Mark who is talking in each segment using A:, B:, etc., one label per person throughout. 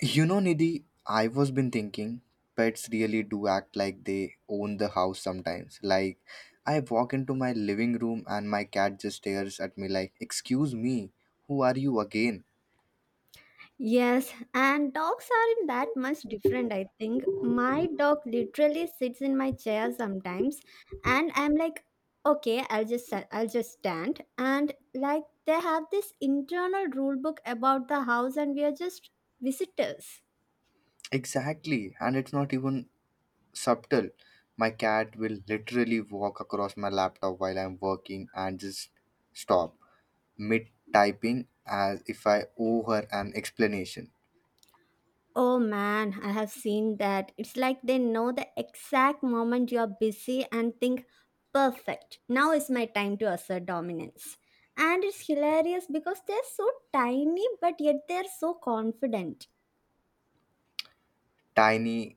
A: You know, Nidhi, I was been thinking pets really do act like they own the house sometimes. Like I walk into my living room and my cat just stares at me like, "Excuse me, who are you again?"
B: Yes, and dogs aren't that much different, I think. My dog literally sits in my chair sometimes, and I'm like, okay, I'll just I'll just stand. And like they have this internal rule book about the house, and we are just visitors.
A: Exactly, and it's not even subtle. My cat will literally walk across my laptop while I'm working and just stop mid typing as if I owe her an explanation.
B: Oh man, I have seen that. It's like they know the exact moment you're busy and think, perfect, now is my time to assert dominance. And it's hilarious because they're so tiny, but yet they're so confident.
A: Tiny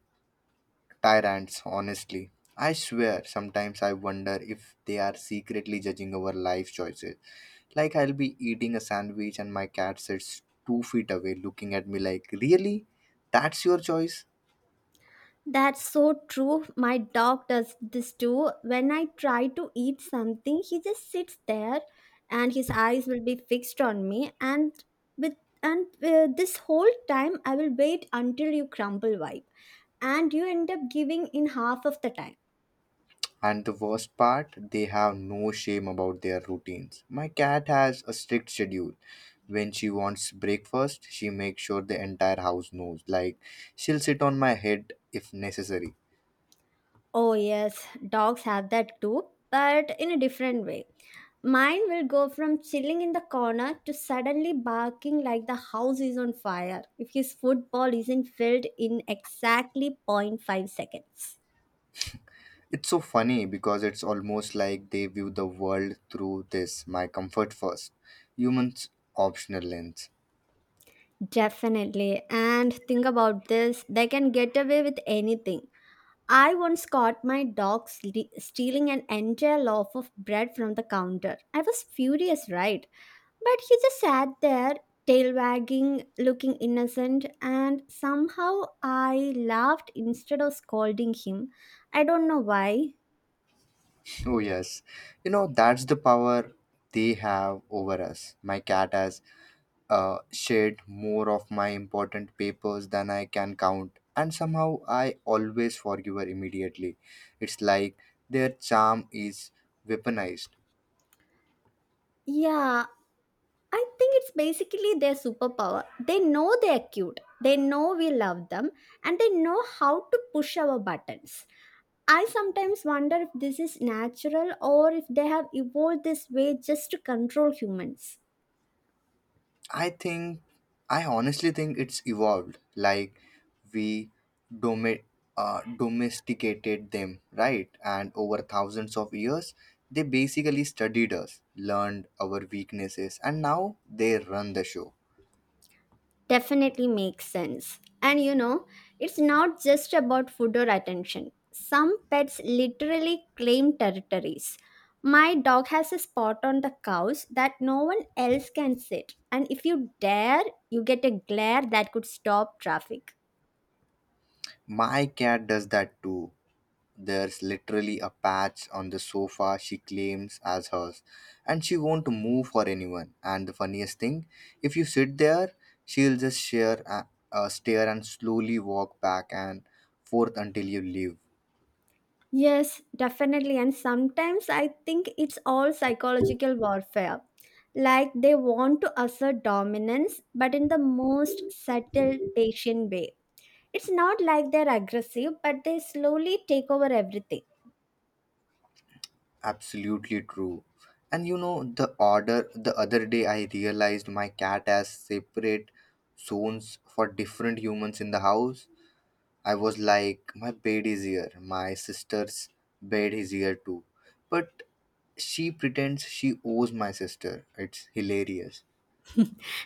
A: tyrants, honestly. I swear, sometimes I wonder if they are secretly judging our life choices. Like, I'll be eating a sandwich and my cat sits 2 feet away looking at me like, really? That's your choice?
B: That's so true. My dog does this too. When I try to eat something, he just sits there and his eyes will be fixed on me and with and this whole time I will wait until you crumble wipe and you end up giving in half of the time.
A: And the worst part, they have no shame about their routines. My cat has a strict schedule. When she wants breakfast, she makes sure the entire house knows. Like, she'll sit on my head if necessary.
B: Oh, yes, dogs have that too, but in a different way. Mine will go from chilling in the corner to suddenly barking like the house is on fire if his football isn't filled in exactly 0.5 seconds.
A: It's so funny because it's almost like they view the world through this my comfort first, humans optional lens.
B: Definitely. And think about this they can get away with anything. I once caught my dog stealing an entire loaf of bread from the counter. I was furious, right? But he just sat there, tail wagging, looking innocent, and somehow I laughed instead of scolding him. I don't know why.
A: Oh, yes. You know, that's the power they have over us. My cat has shared more of my important papers than I can count, and somehow I always forgive her immediately. It's like their charm is weaponized.
B: Yeah, I think it's basically their superpower. They know they're cute, they know we love them, and they know how to push our buttons. I sometimes wonder if this is natural or if they have evolved this way just to control humans.
A: I think I honestly think it's evolved. Like we domi- domesticated them, right? And over thousands of years, they basically studied us, learned our weaknesses, and now they run the show.
B: Definitely makes sense. And you know, it's not just about food or attention. Some pets literally claim territories. My dog has a spot on the couch that no one else can sit. And if you dare, you get a glare that could stop traffic.
A: My cat does that too. There's literally a patch on the sofa she claims as hers, and she won't move for anyone. And the funniest thing, if you sit there, she'll just stare and slowly walk back and forth until you leave.
B: Yes, definitely. And sometimes I think it's all psychological warfare. Like they want to assert dominance, but in the most subtle, patient way. It's not like they're aggressive, but they slowly take over everything.
A: Absolutely true. And you know, the other day I realized my cat has separate zones for different humans in the house. I was like, my bed is here. My sister's bed is here too. But she pretends she owes my sister. It's hilarious.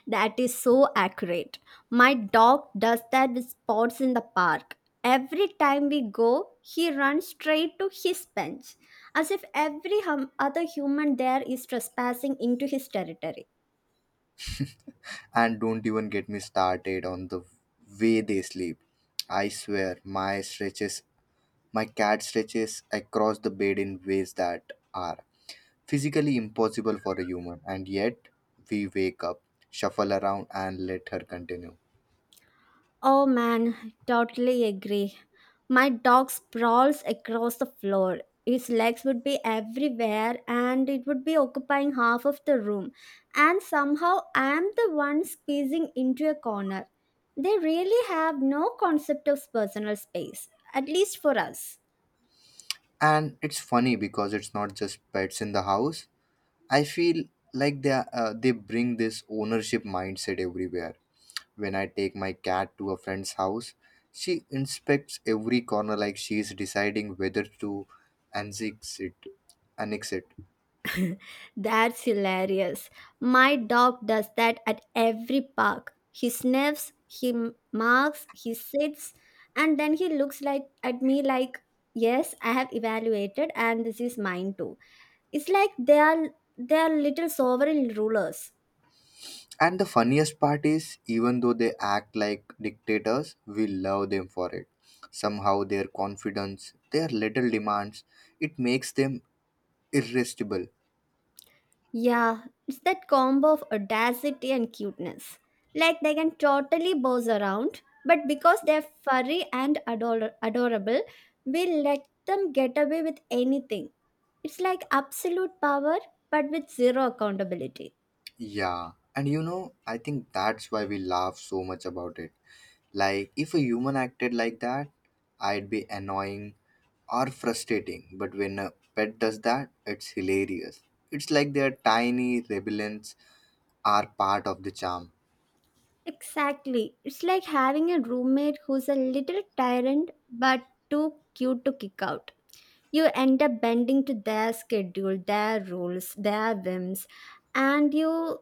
B: That is so accurate. My dog does that with spots in the park. Every time we go, he runs straight to his bench, as if every other human there is trespassing into his territory.
A: And don't even get me started on the way they sleep. I swear, my stretches, my cat stretches across the bed in ways that are physically impossible for a human. And yet, we wake up, shuffle around, and let her continue.
B: Oh man, totally agree. My dog sprawls across the floor. His legs would be everywhere and it would be occupying half of the room. And somehow I'm the one squeezing into a corner. They really have no concept of personal space, at least for us.
A: And it's funny because it's not just pets in the house I feel like they bring this ownership mindset everywhere. When I take my cat to a friend's house, she inspects every corner like she is deciding whether to annex it. Annex it.
B: That's hilarious. My dog does that at every park. He sniffs, he marks, he sits, and then he looks like at me like, "Yes, I have evaluated, and this is mine too." It's like they are little sovereign rulers.
A: And the funniest part is, even though they act like dictators, we love them for it. Somehow, their confidence, their little demands, it makes them irresistible.
B: Yeah, it's that combo of audacity and cuteness. Like they can totally boss around, but because they're furry and adorable, we let them get away with anything. It's like absolute power, but with zero accountability.
A: Yeah, and you know, I think that's why we laugh so much about it. Like, if a human acted like that, I'd be annoying or frustrating. But when a pet does that, it's hilarious. It's like their tiny rebellions are part of the charm.
B: Exactly. It's like having a roommate who's a little tyrant, but too cute to kick out. You end up bending to their schedule, their rules, their whims, and you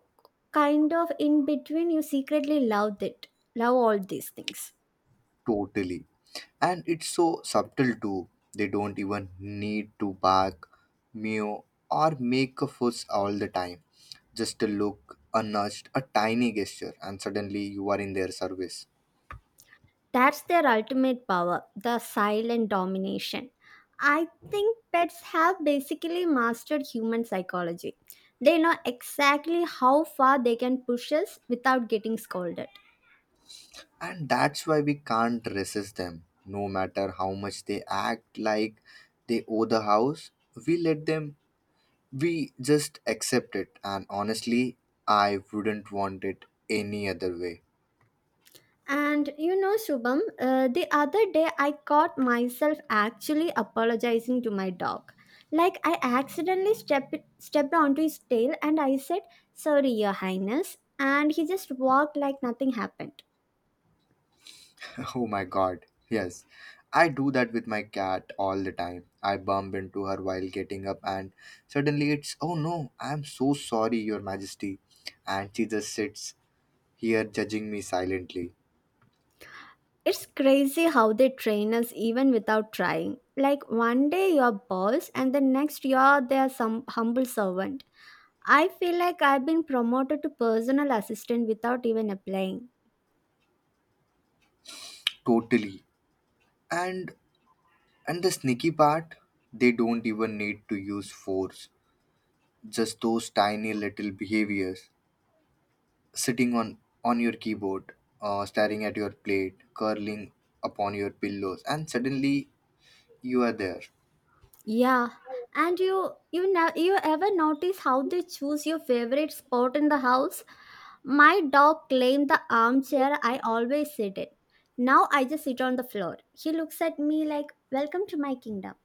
B: kind of in between, you secretly love it. Love all these things.
A: Totally. And it's so subtle too. They don't even need to bark, meow, or make a fuss all the time. Just a look, a nudge, a tiny gesture, and suddenly you are in their service.
B: That's their ultimate power, the silent domination. I think pets have basically mastered human psychology. They know exactly how far they can push us without getting scolded.
A: And that's why we can't resist them. No matter how much they act like they owe the house, we let them, we just accept it. And honestly, I wouldn't want it any other way.
B: And you know, Shubham, the other day I caught myself actually apologizing to my dog. Like I accidentally stepped onto his tail and I said, "Sorry, Your Highness," and he just walked like nothing happened.
A: Oh my god, yes. I do that with my cat all the time. I bump into her while getting up, and suddenly it's, oh no, I'm so sorry, Your Majesty. And she just sits here judging me silently.
B: It's crazy how they train us even without trying. Like one day you're boss and the next you're their some humble servant. I feel like I've been promoted to personal assistant without even applying.
A: Totally. And and the sneaky part, they don't even need to use force. Just those tiny little behaviors. Sitting on your keyboard, staring at your plate, curling upon your pillows, and suddenly you are there.
B: Yeah. And you ever notice how they choose your favorite spot in the house? My dog claimed the armchair I always sit in. Now I just sit on the floor. He looks at me like, welcome to my kingdom.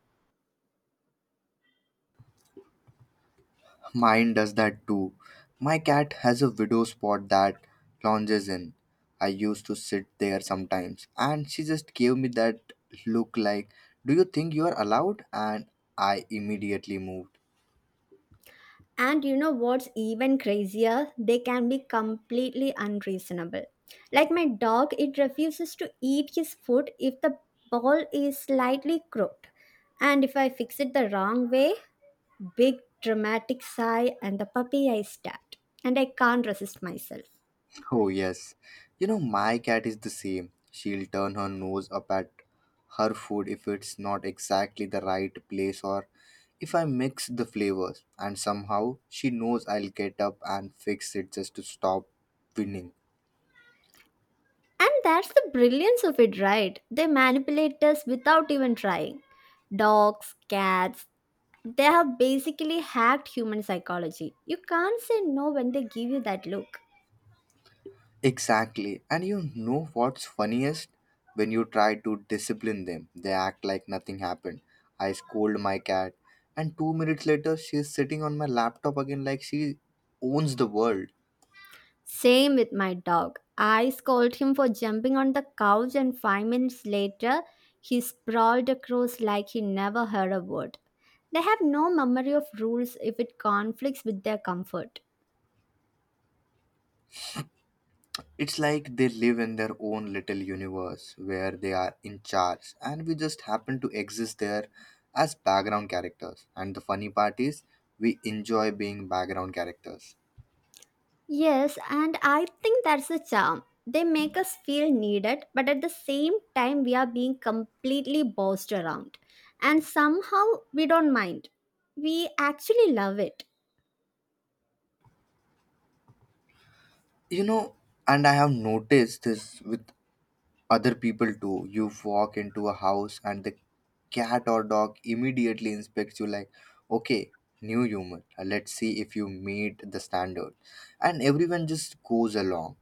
A: Mine does that too. My cat has a widow spot that lounges in. I used to sit there sometimes, and she just gave me that look like, do you think you are allowed? And I immediately moved.
B: And you know what's even crazier? They can be completely unreasonable. Like my dog, it refuses to eat his food if the ball is slightly crooked. And if I fix it the wrong way, big dramatic sigh and the puppy I stabbed. And I can't resist myself.
A: Oh, yes. You know, my cat is the same. She'll turn her nose up at her food if it's not exactly the right place or if I mix the flavors, and somehow she knows I'll get up and fix it just to stop winning.
B: And that's the brilliance of it, right? They manipulate us without even trying. Dogs, cats, they have basically hacked human psychology. You can't say no when they give you that look.
A: Exactly. And you know what's funniest? When you try to discipline them, they act like nothing happened. I scold my cat, and 2 minutes later, she's sitting on my laptop again like she owns the world.
B: Same with my dog. I scolded him for jumping on the couch, and 5 minutes later, he sprawled across like he never heard a word. They have no memory of rules if it conflicts with their comfort.
A: It's like they live in their own little universe where they are in charge, and we just happen to exist there as background characters. And the funny part is, we enjoy being background characters.
B: Yes, and I think that's the charm. They make us feel needed, but at the same time, we are being completely bossed around. And somehow, we don't mind. We actually love it.
A: You know, and I have noticed this with other people too. You walk into a house and the cat or dog immediately inspects you like, okay, new human. Let's see if you meet the standard. And everyone just goes along.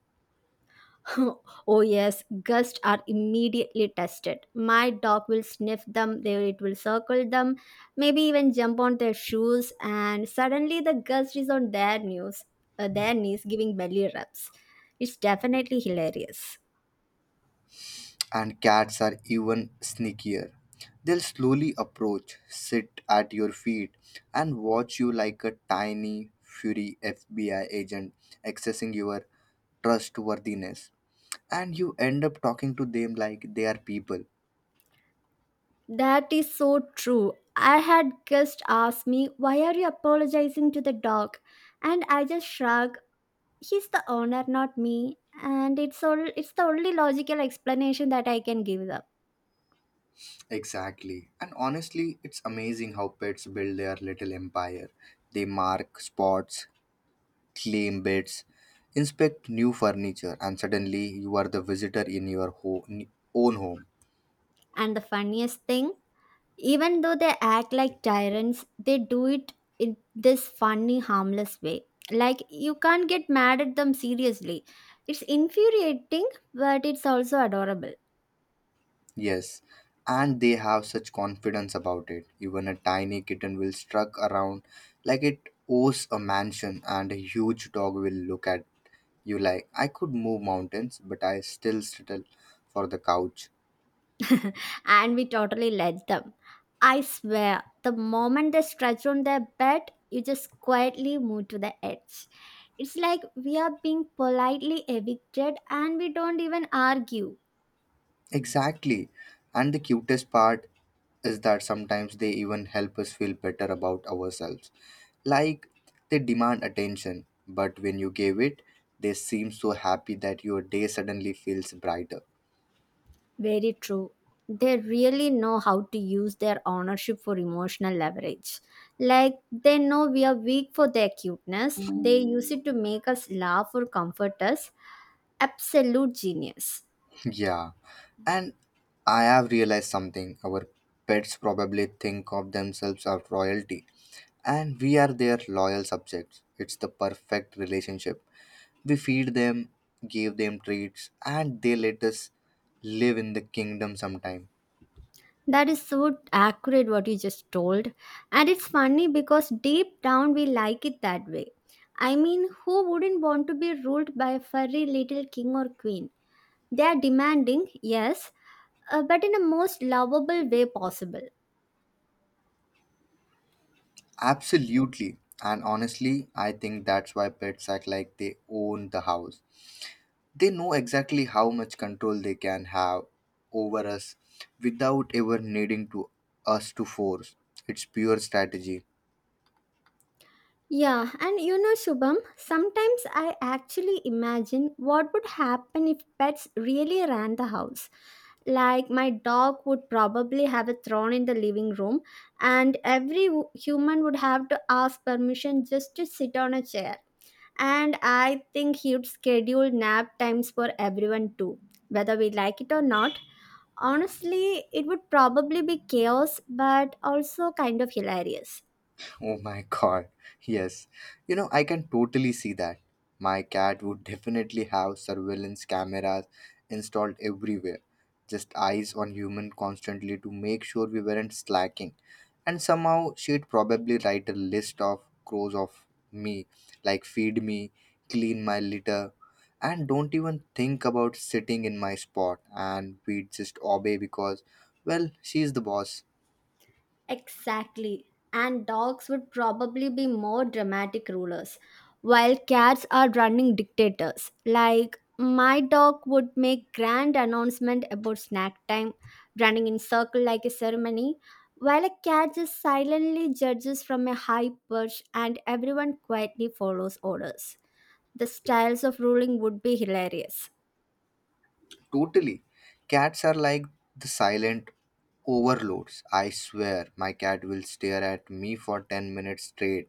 B: Oh, yes, gusts are immediately tested. My dog will sniff them, they, it will circle them, maybe even jump on their shoes, and suddenly the gust is on their, their knees, giving belly rubs. It's definitely hilarious.
A: And cats are even sneakier. They'll slowly approach, sit at your feet, and watch you like a tiny, fury FBI agent accessing your trustworthiness. And you end up talking to them like they are people.
B: That is so true. I had guest ask me, why are you apologizing to the dog? And I just shrugged. He's the owner, not me. And it's the only logical explanation that I can give them.
A: Exactly. And honestly, it's amazing how pets build their little empire. They mark spots, claim beds, inspect new furniture, and suddenly you are the visitor in your own home.
B: And the funniest thing, even though they act like tyrants, they do it in this funny, harmless way. Like you can't get mad at them seriously. It's infuriating, but it's also adorable.
A: Yes. And they have such confidence about it. Even a tiny kitten will strut around like it owes a mansion, and a huge dog will look at you like, I could move mountains, but I still settle for the couch.
B: And we totally let them. I swear, the moment they stretch on their bed, you just quietly move to the edge. It's like we are being politely evicted and we don't even argue.
A: Exactly. And the cutest part is that sometimes they even help us feel better about ourselves. Like they demand attention, but when you give it, they seem so happy that your day suddenly feels brighter.
B: Very true. They really know how to use their ownership for emotional leverage. Like they know we are weak for their cuteness, they use it to make us laugh or comfort us. Absolute genius.
A: Yeah. And I have realized something. Our pets probably think of themselves as royalty, and we are their loyal subjects. It's the perfect relationship. We feed them, gave them treats, and they let us live in the kingdom sometime.
B: That is so accurate what you just told. And it's funny because deep down we like it that way. I mean, who wouldn't want to be ruled by a furry little king or queen? They are demanding, yes, but in a most lovable way possible.
A: Absolutely. And honestly, I think that's why pets act like they own the house. They know exactly how much control they can have over us without ever needing to us to force. It's pure strategy.
B: Yeah, and you know, Shubham, sometimes I actually imagine what would happen if pets really ran the house. Like, my dog would probably have a throne in the living room, and every human would have to ask permission just to sit on a chair. And I think he'd schedule nap times for everyone too, whether we like it or not. Honestly, it would probably be chaos, but also kind of hilarious.
A: Oh my god. Yes. You know, I can totally see that. My cat would definitely have surveillance cameras installed everywhere, just eyes on human constantly to make sure we weren't slacking. And somehow she'd probably write a list of crows of me, like feed me, clean my litter, and don't even think about sitting in my spot. And we'd just obey because, well, she's the boss.
B: Exactly. And dogs would probably be more dramatic rulers, while cats are running dictators. Like, my dog would make grand announcement about snack time, running in circle like a ceremony, while a cat just silently judges from a high perch and everyone quietly follows orders. The styles of ruling would be hilarious.
A: Totally. Cats are like the silent overloads. I swear my cat will stare at me for 10 minutes straight,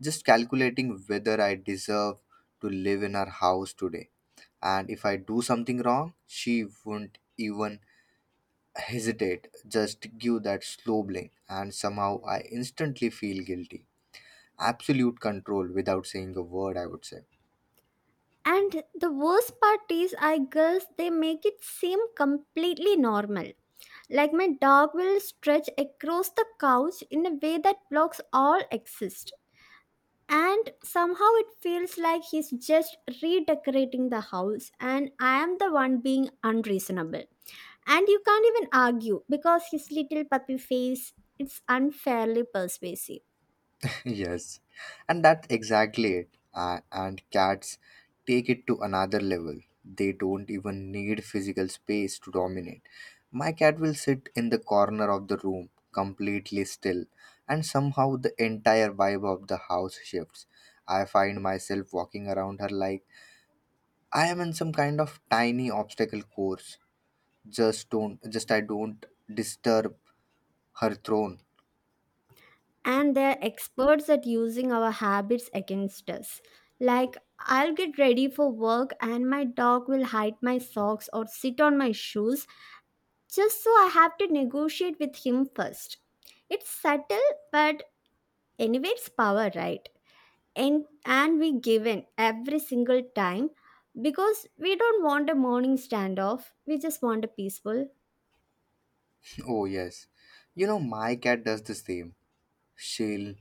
A: just calculating whether I deserve to live in her house today. And if I do something wrong, she won't even hesitate, just give that slow blink, and somehow I instantly feel guilty. Absolute control without saying a word, I would say.
B: And the worst part is, I guess they make it seem completely normal. Like my dog will stretch across the couch in a way that blocks all exist. And somehow it feels like he's just redecorating the house, and I am the one being unreasonable. And you can't even argue because his little puppy face is unfairly persuasive.
A: Yes, and that's exactly it. And cats take it to another level. They don't even need physical space to dominate. My cat will sit in the corner of the room, completely still, and somehow the entire vibe of the house shifts. I find myself walking around her like I am in some kind of tiny obstacle course. Just don't, just I don't disturb her throne.
B: And they're experts at using our habits against us. Like, I'll get ready for work, and my dog will hide my socks or sit on my shoes just so I have to negotiate with him first. It's subtle, but anyway, it's power, right? And we give in every single time because we don't want a morning standoff. We just want a peaceful.
A: Oh, yes. You know, my cat does the same. She'll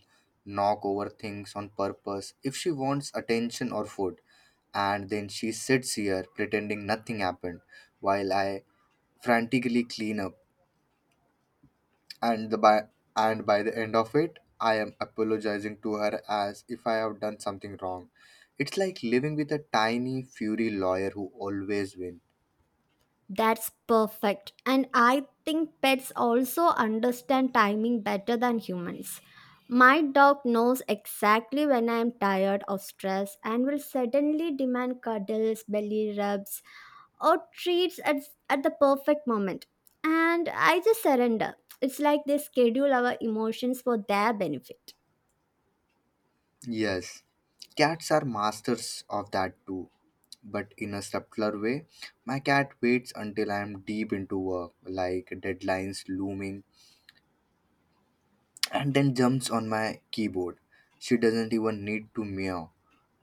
A: knock over things on purpose if she wants attention or food, and then she sits here pretending nothing happened while I frantically clean up. And the by and by the end of it, I am apologizing to her as if I have done something wrong. It's like living with a tiny fury lawyer who always wins.
B: That's perfect. And I think pets also understand timing better than humans. My dog knows exactly when I am tired or stressed and will suddenly demand cuddles, belly rubs, or treats at the perfect moment. And I just surrender. It's like they schedule our emotions for their benefit.
A: Yes, cats are masters of that too, but in a subtler way. My cat waits until I'm deep into work, like deadlines looming, and then jumps on my keyboard. She doesn't even need to meow.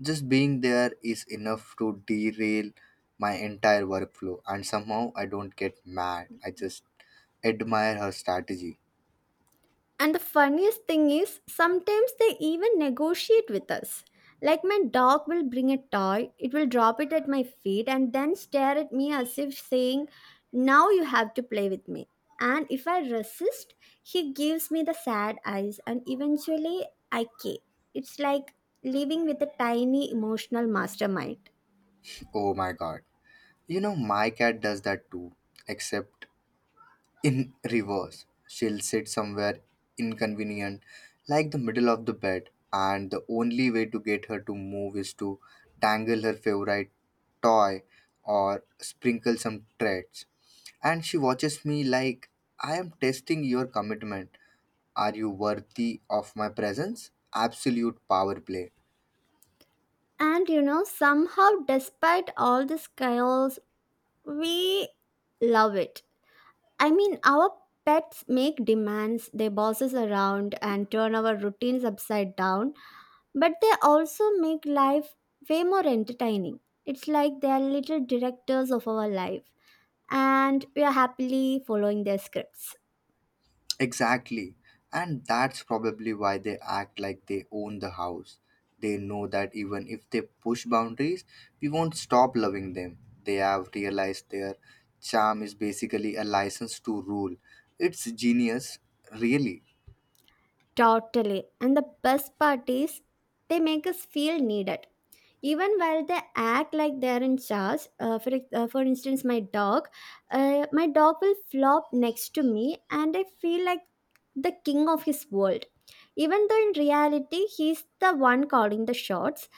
A: Just being there is enough to derail my entire workflow, and somehow I don't get mad. I just admire her strategy.
B: And the funniest thing is, sometimes they even negotiate with us. Like my dog will bring a toy, it will drop it at my feet and then stare at me as if saying, now you have to play with me. And if I resist, he gives me the sad eyes and eventually I cave. It's like living with a tiny emotional mastermind.
A: Oh my god. You know, my cat does that too, except in reverse, she'll sit somewhere inconvenient, like the middle of the bed, and the only way to get her to move is to dangle her favorite toy or sprinkle some treats. And she watches me like, I am testing your commitment. Are you worthy of my presence? Absolute power play.
B: And you know, somehow, despite all this chaos, we love it. I mean, our pets make demands, they boss us around and turn our routines upside down, but they also make life way more entertaining. It's like they are little directors of our life, and we are happily following their scripts.
A: Exactly. And that's probably why they act like they own the house. They know that even if they push boundaries, we won't stop loving them. They have realized their charm is basically a license to rule. It's genius, really.
B: Totally. And the best part is, they make us feel needed. Even while they act like they're in charge, for instance my dog, my dog will flop next to me, and I feel like the king of his world, even though in reality he's the one calling the shots.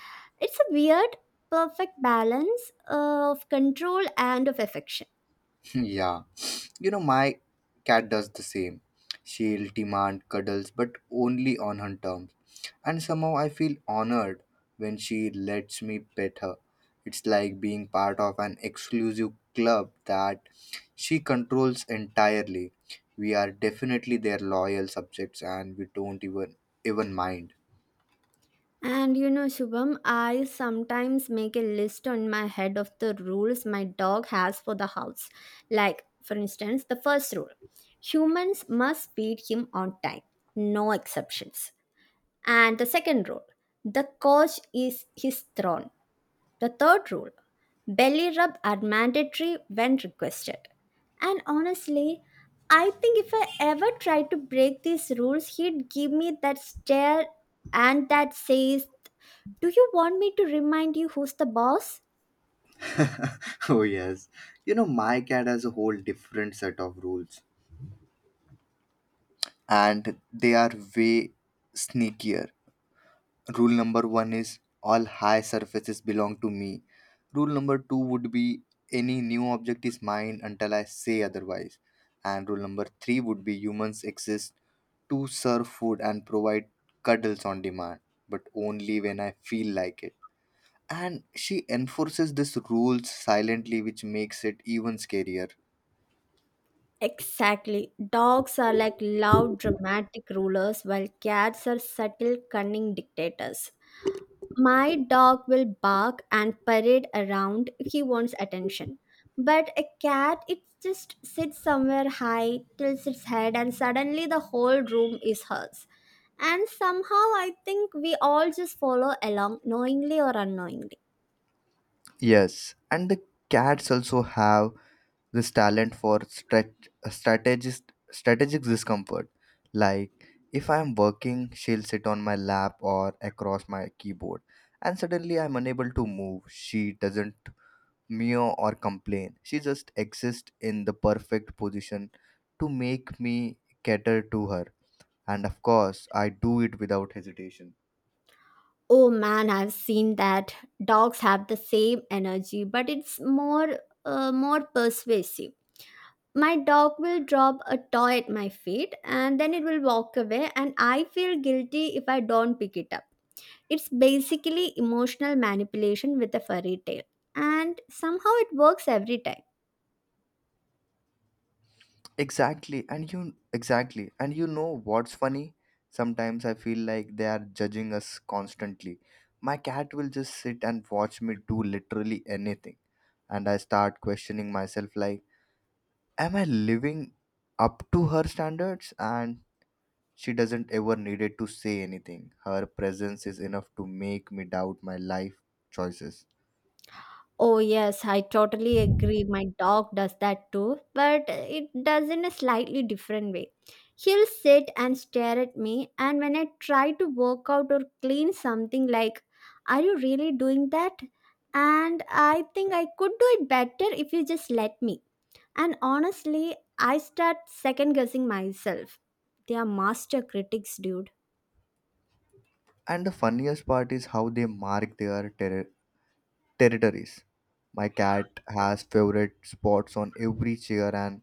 B: It's a weird, perfect balance of control and of affection.
A: Yeah, you know, my cat does the same. She'll demand cuddles, but only on her terms. And somehow I feel honored when she lets me pet her. It's like being part of an exclusive club that she controls entirely. We are definitely their loyal subjects and we don't even mind.
B: And you know, Shubham, I sometimes make a list on my head of the rules my dog has for the house. Like, for instance, the first rule: humans must feed him on time, no exceptions. And the second rule: the couch is his throne. The third rule: belly rub are mandatory when requested. And honestly, I think if I ever tried to break these rules, he'd give me that stare, and that says, "Do you want me to remind you who's the boss?"
A: Oh yes. You know, my cat has a whole different set of rules, and they are way sneakier. Rule number one is all high surfaces belong to me. Rule number two would be any new object is mine until I say otherwise. And rule number three would be humans exist to serve food and provide cuddles on demand, but only when I feel like it. And she enforces this rules silently, which makes it even scarier.
B: Exactly. Dogs are like loud, dramatic rulers, while cats are subtle, cunning dictators. My dog will bark and parade around. He wants attention. But a cat, it just sits somewhere high, tilts its head, and suddenly the whole room is hers. And somehow I think we all just follow along, knowingly or unknowingly.
A: Yes, and the cats also have this talent for strategic discomfort. Like, if I am working, she'll sit on my lap or across my keyboard, and suddenly I'm unable to move. She doesn't meow or complain, she just exists in the perfect position to make me cater to her. And of course, I do it without hesitation.
B: Oh man, I've seen that. Dogs have the same energy, but it's more persuasive. My dog will drop a toy at my feet and then it will walk away, and I feel guilty if I don't pick it up. It's basically emotional manipulation with a furry tail, and somehow it works every time.
A: Exactly, and you know what's funny? Sometimes I feel like they are judging us constantly. My cat will just sit and watch me do literally anything, and I start questioning myself like, am I living up to her standards? And she doesn't ever needed to say anything. Her presence is enough to make me doubt my life choices.
B: Oh, yes, I totally agree. My dog does that too, but it does in a slightly different way. He'll sit and stare at me, and when I try to work out or clean something, like, "Are you really doing that? And I think I could do it better if you just let me." And honestly, I start second guessing myself. They are master critics, dude.
A: And the funniest part is how they mark their territories. My cat has favorite spots on every chair and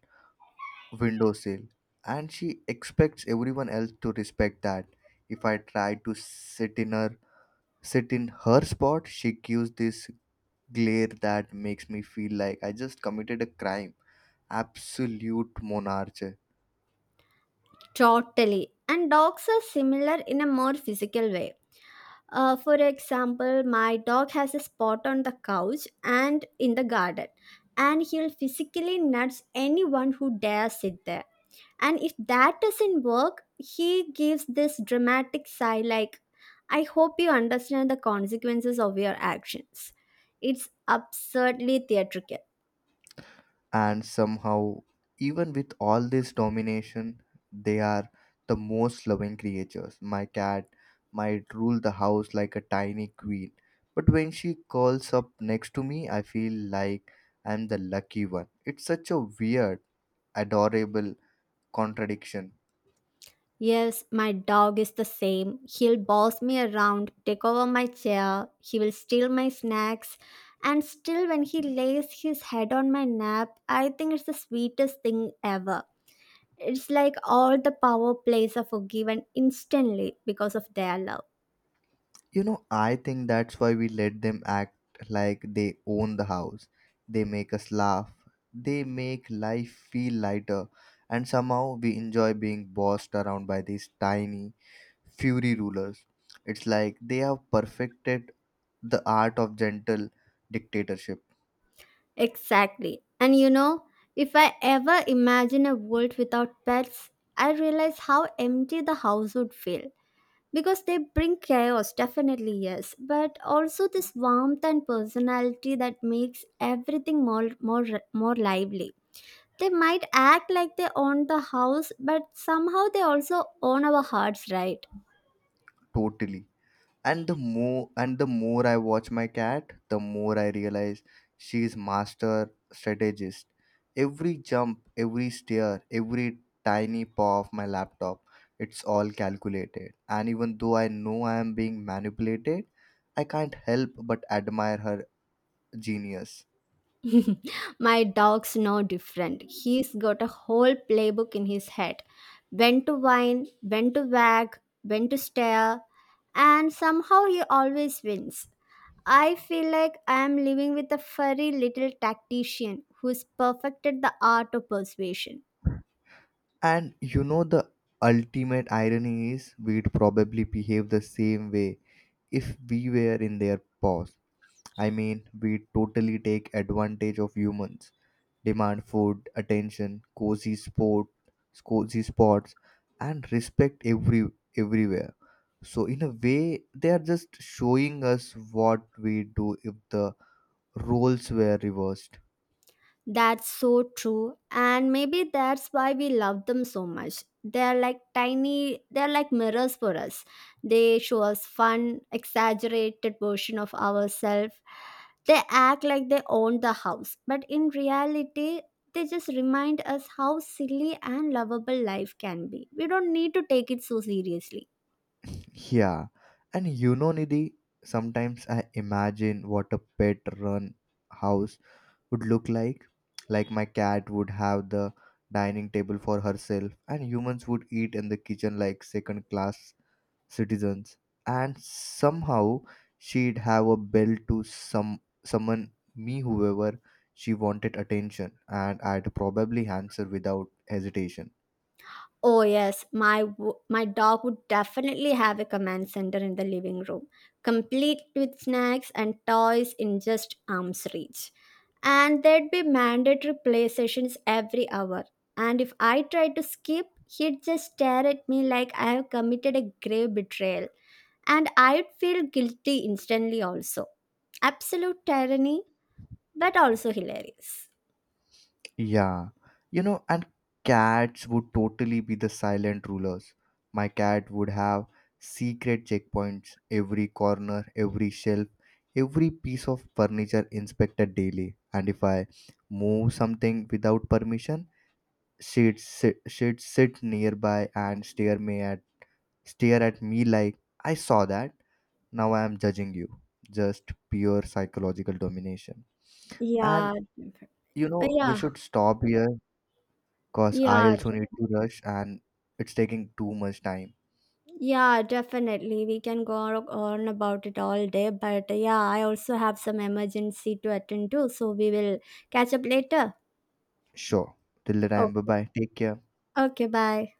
A: windowsill, and she expects everyone else to respect that. If I try to sit in her spot, she gives this glare that makes me feel like I just committed a crime. Absolute monarch.
B: Totally. And dogs are similar in a more physical way. For example, my dog has a spot on the couch and in the garden, and he'll physically nuts anyone who dares sit there. And if that doesn't work, he gives this dramatic sigh like, "I hope you understand the consequences of your actions." It's absurdly theatrical.
A: And somehow, even with all this domination, they are the most loving creatures. My cat might rule the house like a tiny queen, but when she curls up next to me, I feel like I'm the lucky one. It's such a weird, adorable contradiction.
B: Yes, my dog is the same. He'll boss me around, take over my chair, he will steal my snacks, and still, when he lays his head on my lap, I think it's the sweetest thing ever. It's like all the power plays are forgiven instantly because of their love.
A: You know, I think that's why we let them act like they own the house. They make us laugh, they make life feel lighter, and somehow we enjoy being bossed around by these tiny, fury rulers. It's like they have perfected the art of gentle dictatorship.
B: Exactly. And you know, if I ever imagine a world without pets, I realize how empty the house would feel, because they bring chaos, definitely, yes, but also this warmth and personality that makes everything more lively. They might act like they own the house, but somehow they also own our hearts, right?
A: Totally. And the more I watch my cat, the more I realize she's master strategist. Every jump, every stare, every tiny paw of my laptop, it's all calculated. And even though I know I am being manipulated, I can't help but admire her genius.
B: My dog's no different. He's got a whole playbook in his head: when to whine, when to wag, when to stare, and somehow he always wins. I feel like I am living with a furry little tactician who's perfected the art of persuasion.
A: And you know, the ultimate irony is we'd probably behave the same way if we were in their paws. I mean, we totally take advantage of humans. Demand food, attention, cozy spots, and respect everywhere. So in a way, they are just showing us what we do if the roles were reversed.
B: That's so true, and maybe that's why we love them so much. They're like mirrors for us. They show us fun, exaggerated version of ourselves. They act like they own the house, but in reality, they just remind us how silly and lovable life can be. We don't need to take it so seriously.
A: Yeah, and you know, Nidhi, sometimes I imagine what a pet run house would look like. Like my cat would have the dining table for herself, and humans would eat in the kitchen like second class citizens, and somehow she'd have a bell to some summon me whoever she wanted attention, and I'd probably answer without hesitation.
B: Oh yes, my dog would definitely have a command center in the living room, complete with snacks and toys in just arm's reach. And there'd be mandatory play sessions every hour. And if I tried to skip, he'd just stare at me like I have committed a grave betrayal. And I'd feel guilty instantly also. Absolute tyranny, but also hilarious.
A: Yeah, you know, and cats would totally be the silent rulers. My cat would have secret checkpoints, every corner, every shelf, every piece of furniture inspected daily. And if I move something without permission, she'd sit nearby and stare at me like I saw that. Now I am judging you. Just pure psychological domination. And
B: Yeah.
A: you know, we
B: Yeah.
A: should stop here because I
B: Yeah.
A: also need to rush and it's taking too much time.
B: Yeah, definitely. We can go on about it all day. But yeah, I also have some emergency to attend to. So we will catch up later.
A: Sure. Till the time. Bye
B: Okay.
A: bye. Take care.
B: Okay, bye.